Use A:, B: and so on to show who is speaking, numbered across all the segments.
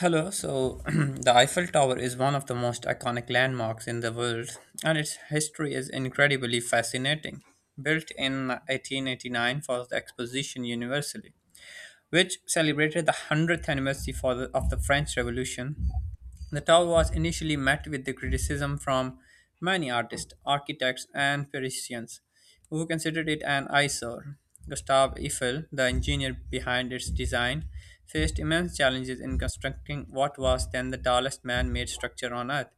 A: Hello, so the Eiffel Tower is one of the most iconic landmarks in the world, and its history is incredibly fascinating. Built in 1889 for the Exposition Universelle, which celebrated the 100th anniversary of the French Revolution. The tower was initially met with the criticism from many artists, architects, and Parisians who considered it an eyesore. Gustave Eiffel, the engineer behind its design, faced immense challenges in constructing what was then the tallest man made structure on Earth.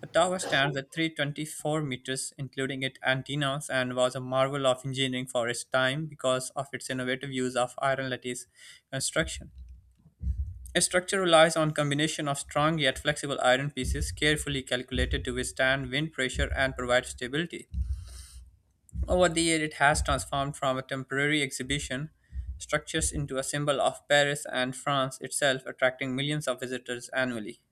A: The tower stands at 324 meters, including its antennas, and was a marvel of engineering for its time because of its innovative use of iron lattice construction. Its structure relies on combination of strong yet flexible iron pieces carefully calculated to withstand wind pressure and provide stability. Over the years, it has transformed from a temporary exhibition structures into a symbol of Paris and France itself, attracting millions of visitors annually.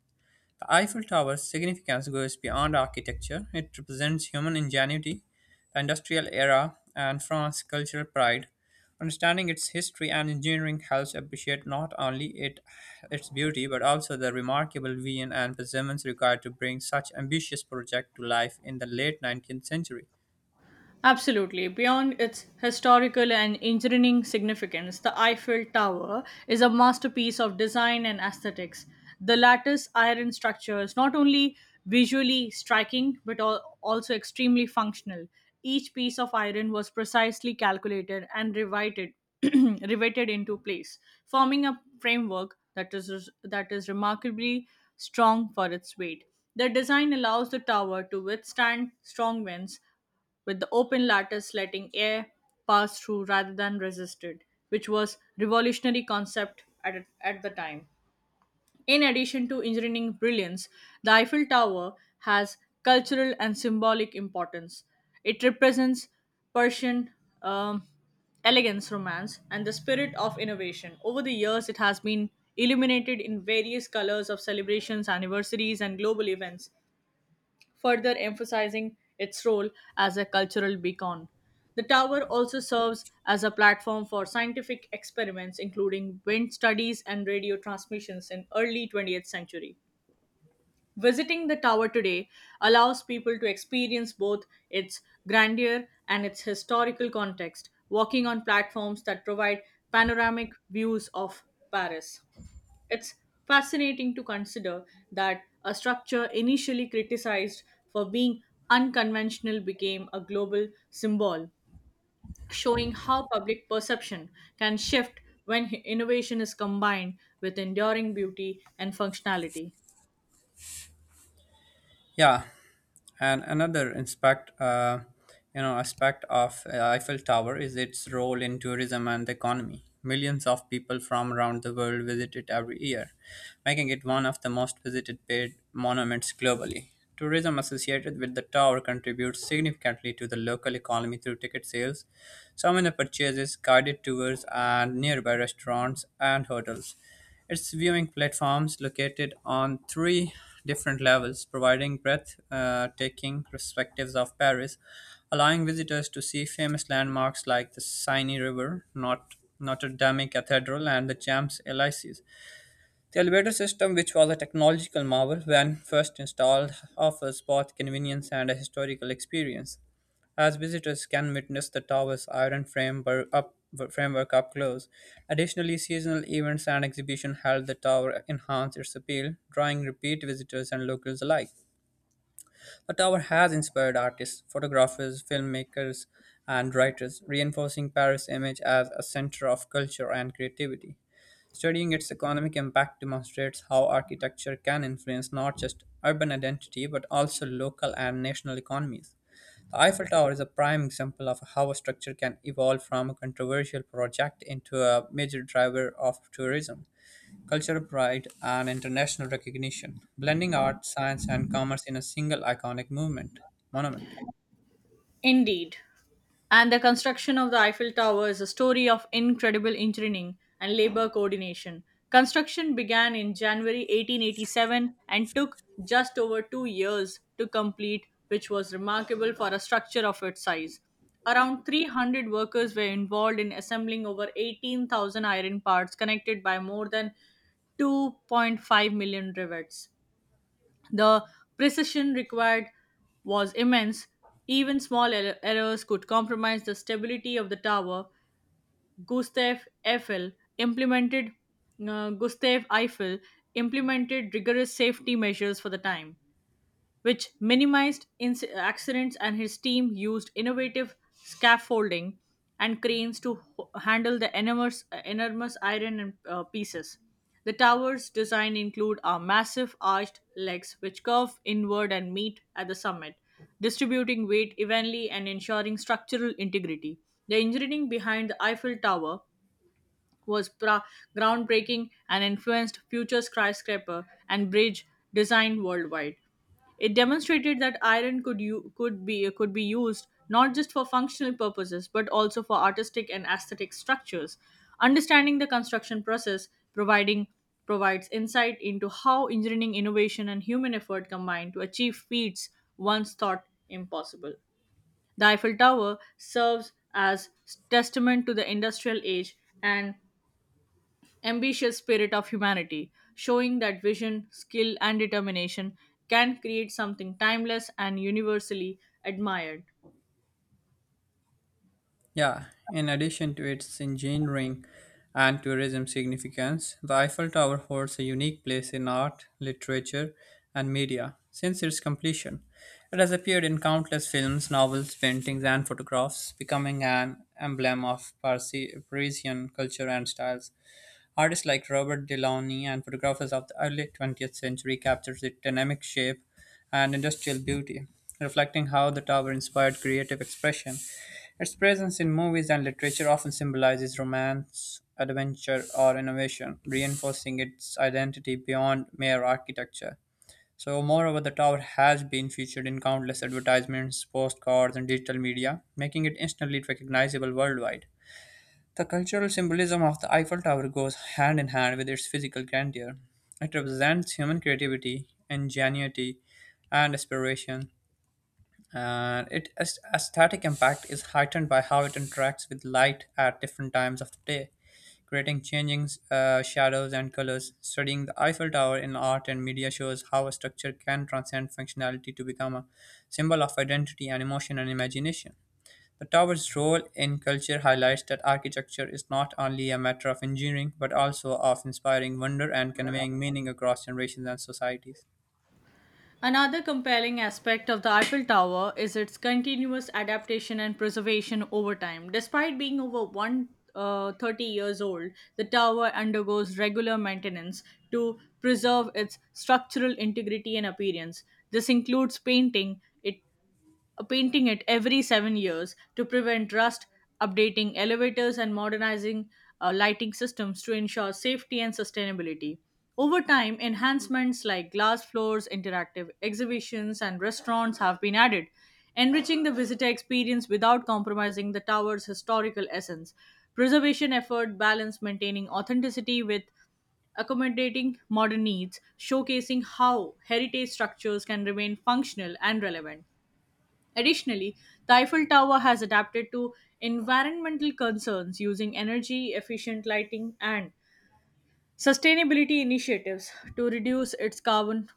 A: The Eiffel Tower's significance goes beyond architecture. It represents human ingenuity, the industrial era, and France's cultural pride. Understanding its history and engineering helps appreciate not only its beauty but also the remarkable vision and perseverance required to bring such ambitious project to life in the late 19th century.
B: Absolutely. Beyond its historical and engineering significance, the Eiffel Tower is a masterpiece of design and aesthetics. The lattice iron structure is not only visually striking but also extremely functional. Each piece of iron was precisely calculated and riveted, riveted into place, forming a framework that is remarkably strong for its weight. The design allows the tower to withstand strong winds with the open lattice letting air pass through rather than resisted, which was revolutionary concept at the time. In addition to engineering brilliance, the Eiffel Tower has cultural and symbolic importance. It represents Persian um, elegance, romance, and the spirit of innovation. Over the years, it has been illuminated in various colors of celebrations, anniversaries, and global events, further emphasizing its role as a cultural beacon. The tower also serves as a platform for scientific experiments including wind studies and radio transmissions in early 20th century. Visiting the tower today allows people to experience both its grandeur and its historical context, walking on platforms that provide panoramic views of Paris. It's fascinating to consider that a structure initially criticized for being unconventional became a global symbol, showing how public perception can shift when innovation is combined with enduring beauty and functionality.
A: Yeah, and another aspect of Eiffel Tower is its role in tourism and the economy. Millions of people from around the world visit it every year, making it one of the most visited paid monuments globally. Tourism associated with the tower contributes significantly to the local economy through ticket sales, souvenir purchases, guided tours, and nearby restaurants and hotels. Its viewing platforms located on three different levels, providing breathtaking perspectives of Paris, allowing visitors to see famous landmarks like the Seine River, Notre Dame Cathedral, and the Champs Elysees. The elevator system, which was a technological marvel when first installed, offers both convenience and a historical experience, as visitors can witness the tower's iron framework up close. Additionally, seasonal events and exhibitions held the tower enhance its appeal, drawing repeat visitors and locals alike. The tower has inspired artists, photographers, filmmakers, and writers, reinforcing Paris' image as a center of culture and creativity. Studying its economic impact demonstrates how architecture can influence not just urban identity but also local and national economies. The Eiffel Tower is a prime example of how a structure can evolve from a controversial project into a major driver of tourism cultural pride, and international recognition, blending art, science, and commerce in a single iconic movement monument.
B: Indeed. And the construction of the Eiffel Tower is a story of incredible engineering and labor coordination. Construction began in January 1887 and took just over 2 years to complete, which was remarkable for a structure of its size. Around 300 workers were involved in assembling over 18,000 iron parts connected by more than 2.5 million rivets. The precision required was immense. Even small errors could compromise the stability of the tower. Gustav Eiffel implemented uh, Gustav Eiffel rigorous safety measures for the time which minimized accidents, and his team used innovative scaffolding and cranes to handle the enormous iron pieces. The tower's design include a massive arched legs which curve inward and meet at the summit, distributing weight evenly and ensuring structural integrity. The engineering behind the Eiffel Tower was groundbreaking and influenced future skyscraper and bridge design worldwide. It demonstrated that iron could be used not just for functional purposes but also for artistic and aesthetic structures. Understanding the construction process providing provides insight into how engineering innovation and human effort combine to achieve feats once thought impossible. The Eiffel Tower serves as testament to the industrial age and ambitious spirit of humanity, showing that vision, skill, and determination can create something timeless and universally admired.
A: Yeah, in addition to its engineering and tourism significance, the Eiffel Tower holds a unique place in art, literature, and media. Since its completion, it has appeared in countless films, novels, paintings, and photographs, becoming an emblem of Parisian culture and styles. Artists like Robert Delaunay and photographers of the early 20th century captured its dynamic shape and industrial beauty, reflecting how the tower inspired creative expression. Its presence in movies and literature often symbolizes romance, adventure, or innovation, reinforcing its identity beyond mere architecture. So, moreover, the tower has been featured in countless advertisements, postcards, and digital media, making it instantly recognizable worldwide. The cultural symbolism of the Eiffel Tower goes hand in hand with its physical grandeur. It represents human creativity, ingenuity, and aspiration, and its aesthetic impact is heightened by how it interacts with light at different times of the day, creating changing shadows and colors. Studying the Eiffel Tower in art and media shows how a structure can transcend functionality to become a symbol of identity and emotion and imagination. The tower's role in culture highlights that architecture is not only a matter of engineering, but also of inspiring wonder and conveying meaning across generations and societies.
B: Another compelling aspect of the Eiffel Tower is its continuous adaptation and preservation over time. Despite being over 130 years old, the tower undergoes regular maintenance to preserve its structural integrity and appearance. This includes painting it every 7 years to prevent rust, updating elevators, and modernizing lighting systems to ensure safety and sustainability. Over time, enhancements like glass floors, interactive exhibitions, and restaurants have been added, enriching the visitor experience without compromising the tower's historical essence. Preservation effort balance maintaining authenticity with accommodating modern needs, showcasing how heritage structures can remain functional and relevant. Additionally, the Eiffel Tower has adapted to environmental concerns using energy efficient lighting and sustainability initiatives to reduce its carbon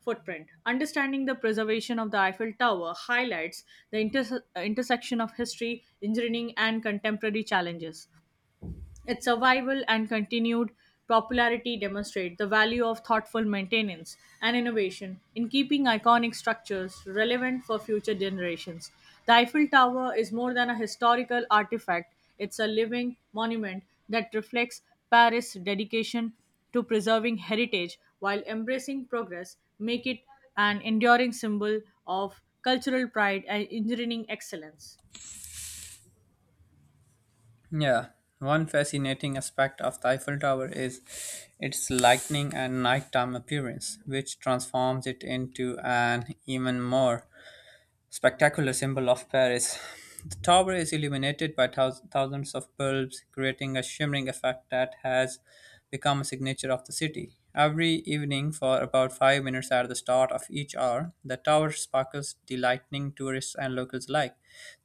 B: footprint. Understanding the preservation of the Eiffel Tower highlights the intersection of history, engineering, and contemporary challenges. Its survival and continued popularity demonstrate the value of thoughtful maintenance and innovation in keeping iconic structures relevant for future generations. The Eiffel Tower is more than a historical artifact, it's a living monument that reflects Paris' dedication to preserving heritage while embracing progress, make it an enduring symbol of cultural pride and engineering excellence.
A: Yeah, one fascinating aspect of the Eiffel Tower is its lightning and nighttime appearance, which transforms it into an even more spectacular symbol of Paris. The tower is illuminated by thousands of bulbs, creating a shimmering effect that has become a signature of the city. Every evening, for about 5 minutes at the start of each hour, the tower sparkles, delighting tourists and locals alike.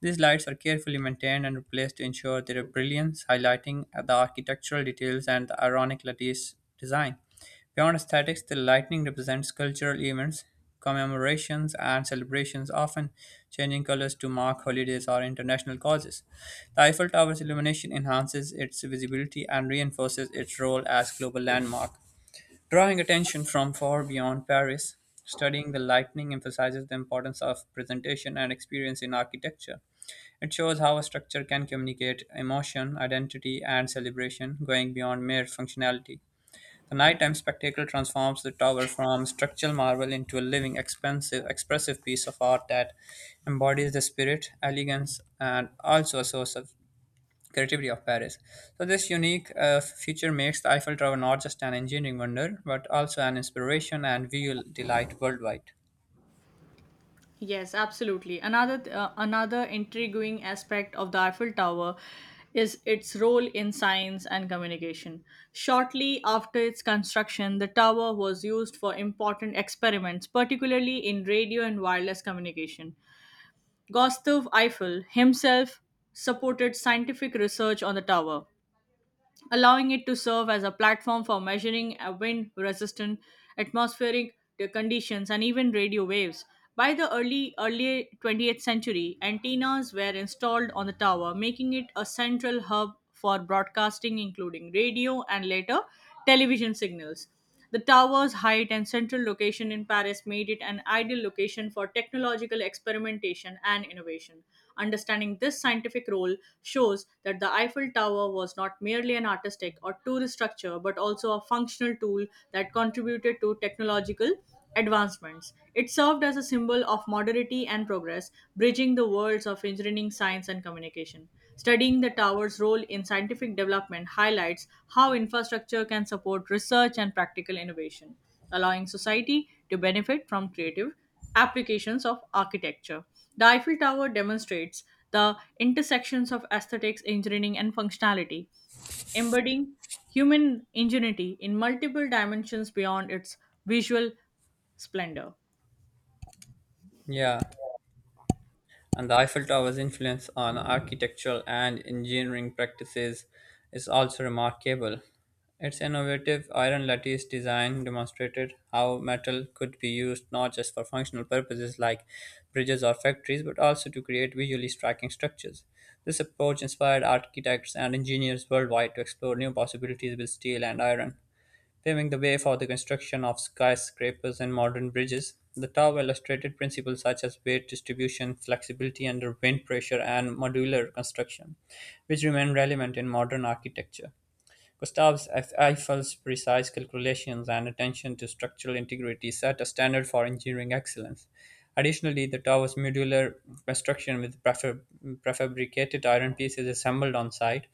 A: These lights are carefully maintained and replaced to ensure their brilliance, highlighting the architectural details and the ironic lattice design. Beyond aesthetics, the lightning represents cultural events, commemorations, and celebrations, often changing colors to mark holidays or international causes. The Eiffel Tower's illumination enhances its visibility and reinforces its role as global landmark, drawing attention from far beyond Paris. Studying the lightning emphasizes the importance of presentation and experience in architecture. It shows how a structure can communicate emotion, identity, and celebration, going beyond mere functionality. The nighttime spectacle transforms the tower from structural marvel into a living, expressive piece of art that embodies the spirit, elegance, and also a source of creativity of Paris. So, this unique feature makes the Eiffel Tower not just an engineering wonder, but also an inspiration and visual delight worldwide.
B: Yes, absolutely. Another intriguing aspect of the Eiffel Tower is its role in science and communication. Shortly after its construction, the tower was used for important experiments, particularly in radio and wireless communication. Gustave Eiffel himself supported scientific research on the tower allowing it to serve as a platform for measuring wind resistant atmospheric conditions and even radio waves. By the early 20th century, antennas were installed on the tower, making it a central hub for broadcasting including radio and later television signals. The tower's height and central location in Paris made it an ideal location for technological experimentation and innovation. Understanding this scientific role shows that the Eiffel Tower was not merely an artistic or tourist structure but also a functional tool that contributed to technological advancements. It served as a symbol of modernity and progress, bridging the worlds of engineering, science, and communication. Studying the tower's role in scientific development highlights how infrastructure can support research and practical innovation, allowing society to benefit from creative applications of architecture. The Eiffel Tower demonstrates the intersections of aesthetics, engineering, and functionality, embedding human ingenuity in multiple dimensions beyond its visual splendor.
A: Yeah. And the Eiffel Tower's influence on architectural and engineering practices is also remarkable. Its innovative iron lattice design demonstrated how metal could be used not just for functional purposes like bridges or factories, but also to create visually striking structures. This approach inspired architects and engineers worldwide to explore new possibilities with steel and iron paving the way for the construction of skyscrapers and modern bridges. The tower illustrated principles such as weight distribution, flexibility under wind pressure, and modular construction, which remain relevant in modern architecture. Gustave Eiffel's precise calculations and attention to structural integrity set a standard for engineering excellence. Additionally, the tower's modular construction with prefabricated iron pieces assembled on site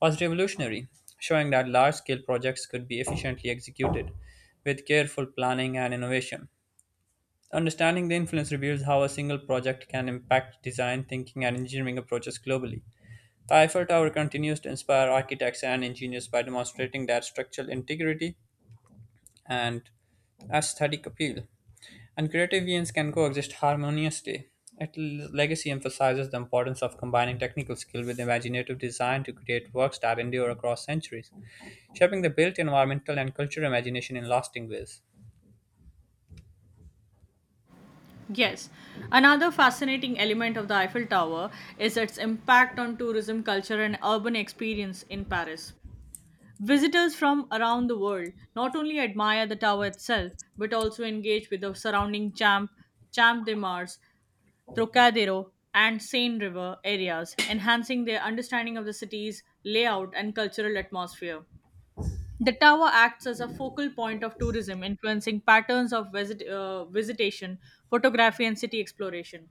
A: was revolutionary, showing that large scale projects could be efficiently executed with careful planning and innovation. Understanding the influence reveals how a single project can impact design, thinking, and engineering approaches globally. The Eiffel Tower continues to inspire architects and engineers by demonstrating their structural integrity and aesthetic appeal. And creative visions can coexist harmoniously. Its legacy emphasizes the importance of combining technical skill with imaginative design to create works that endure across centuries, shaping the built environmental and cultural imagination in lasting ways.
B: Yes. Another fascinating element of the Eiffel Tower is its impact on tourism, culture, and urban experience in Paris. Visitors from around the world not only admire the tower itself, but also engage with the surrounding Champ de Mars, Trocadero, and Seine River areas, enhancing their understanding of the city's layout and cultural atmosphere. The tower acts as a focal point of tourism, influencing patterns of visitation, photography, and city exploration.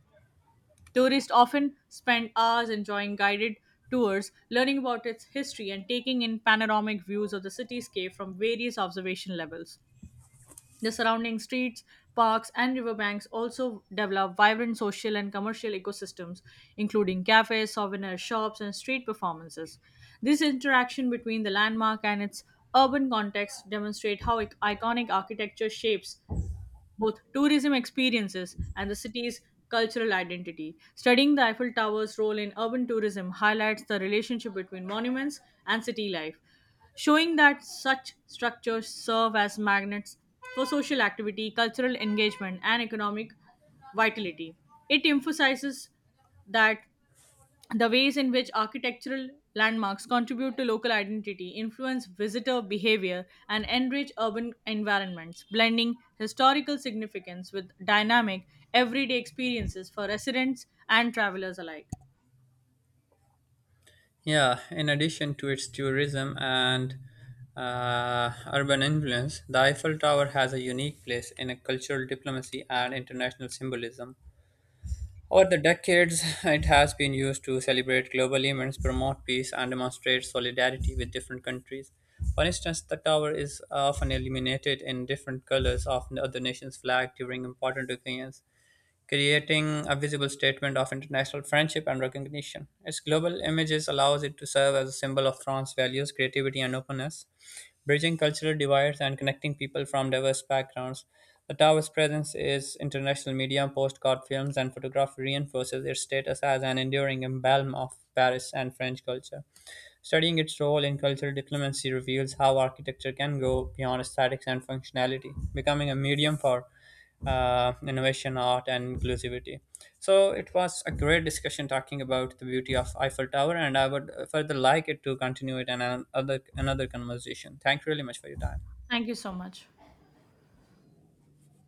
B: Tourists often spend hours enjoying guided tours, learning about its history, and taking in panoramic views of the cityscape from various observation levels. The surrounding streets, parks, and riverbanks also develop vibrant social and commercial ecosystems, including cafes, souvenir shops, and street performances. This interaction between the landmark and its urban context demonstrate how iconic architecture shapes both tourism experiences and the city's cultural identity. Studying the Eiffel Tower's role in urban tourism highlights the relationship between monuments and city life, showing that such structures serve as magnets for social activity, cultural engagement, and economic vitality. It emphasizes that the ways in which architectural landmarks contribute to local identity, influence visitor behavior, and enrich urban environments, blending historical significance with dynamic, everyday experiences for residents and travelers alike.
A: Yeah, in addition to its tourism and urban influence, the Eiffel Tower has a unique place in a cultural diplomacy and international symbolism. Over the decades, it has been used to celebrate global events, promote peace, and demonstrate solidarity with different countries. For instance, the tower is often illuminated in different colors of the other nation's flag during important occasions, creating a visible statement of international friendship and recognition. Its global images allows it to serve as a symbol of France's values, creativity, and openness bridging cultural divides and connecting people from diverse backgrounds. The tower's presence in international media, postcard films, and photography reinforces its status as an enduring emblem of Paris and French culture. Studying its role in cultural diplomacy reveals how architecture can go beyond aesthetics and functionality, becoming a medium for innovation, art, and inclusivity. So it was a great discussion talking about the beauty of Eiffel Tower, and I would further like it to continue it in another conversation. Thank you really much for your time.
B: Thank you so much.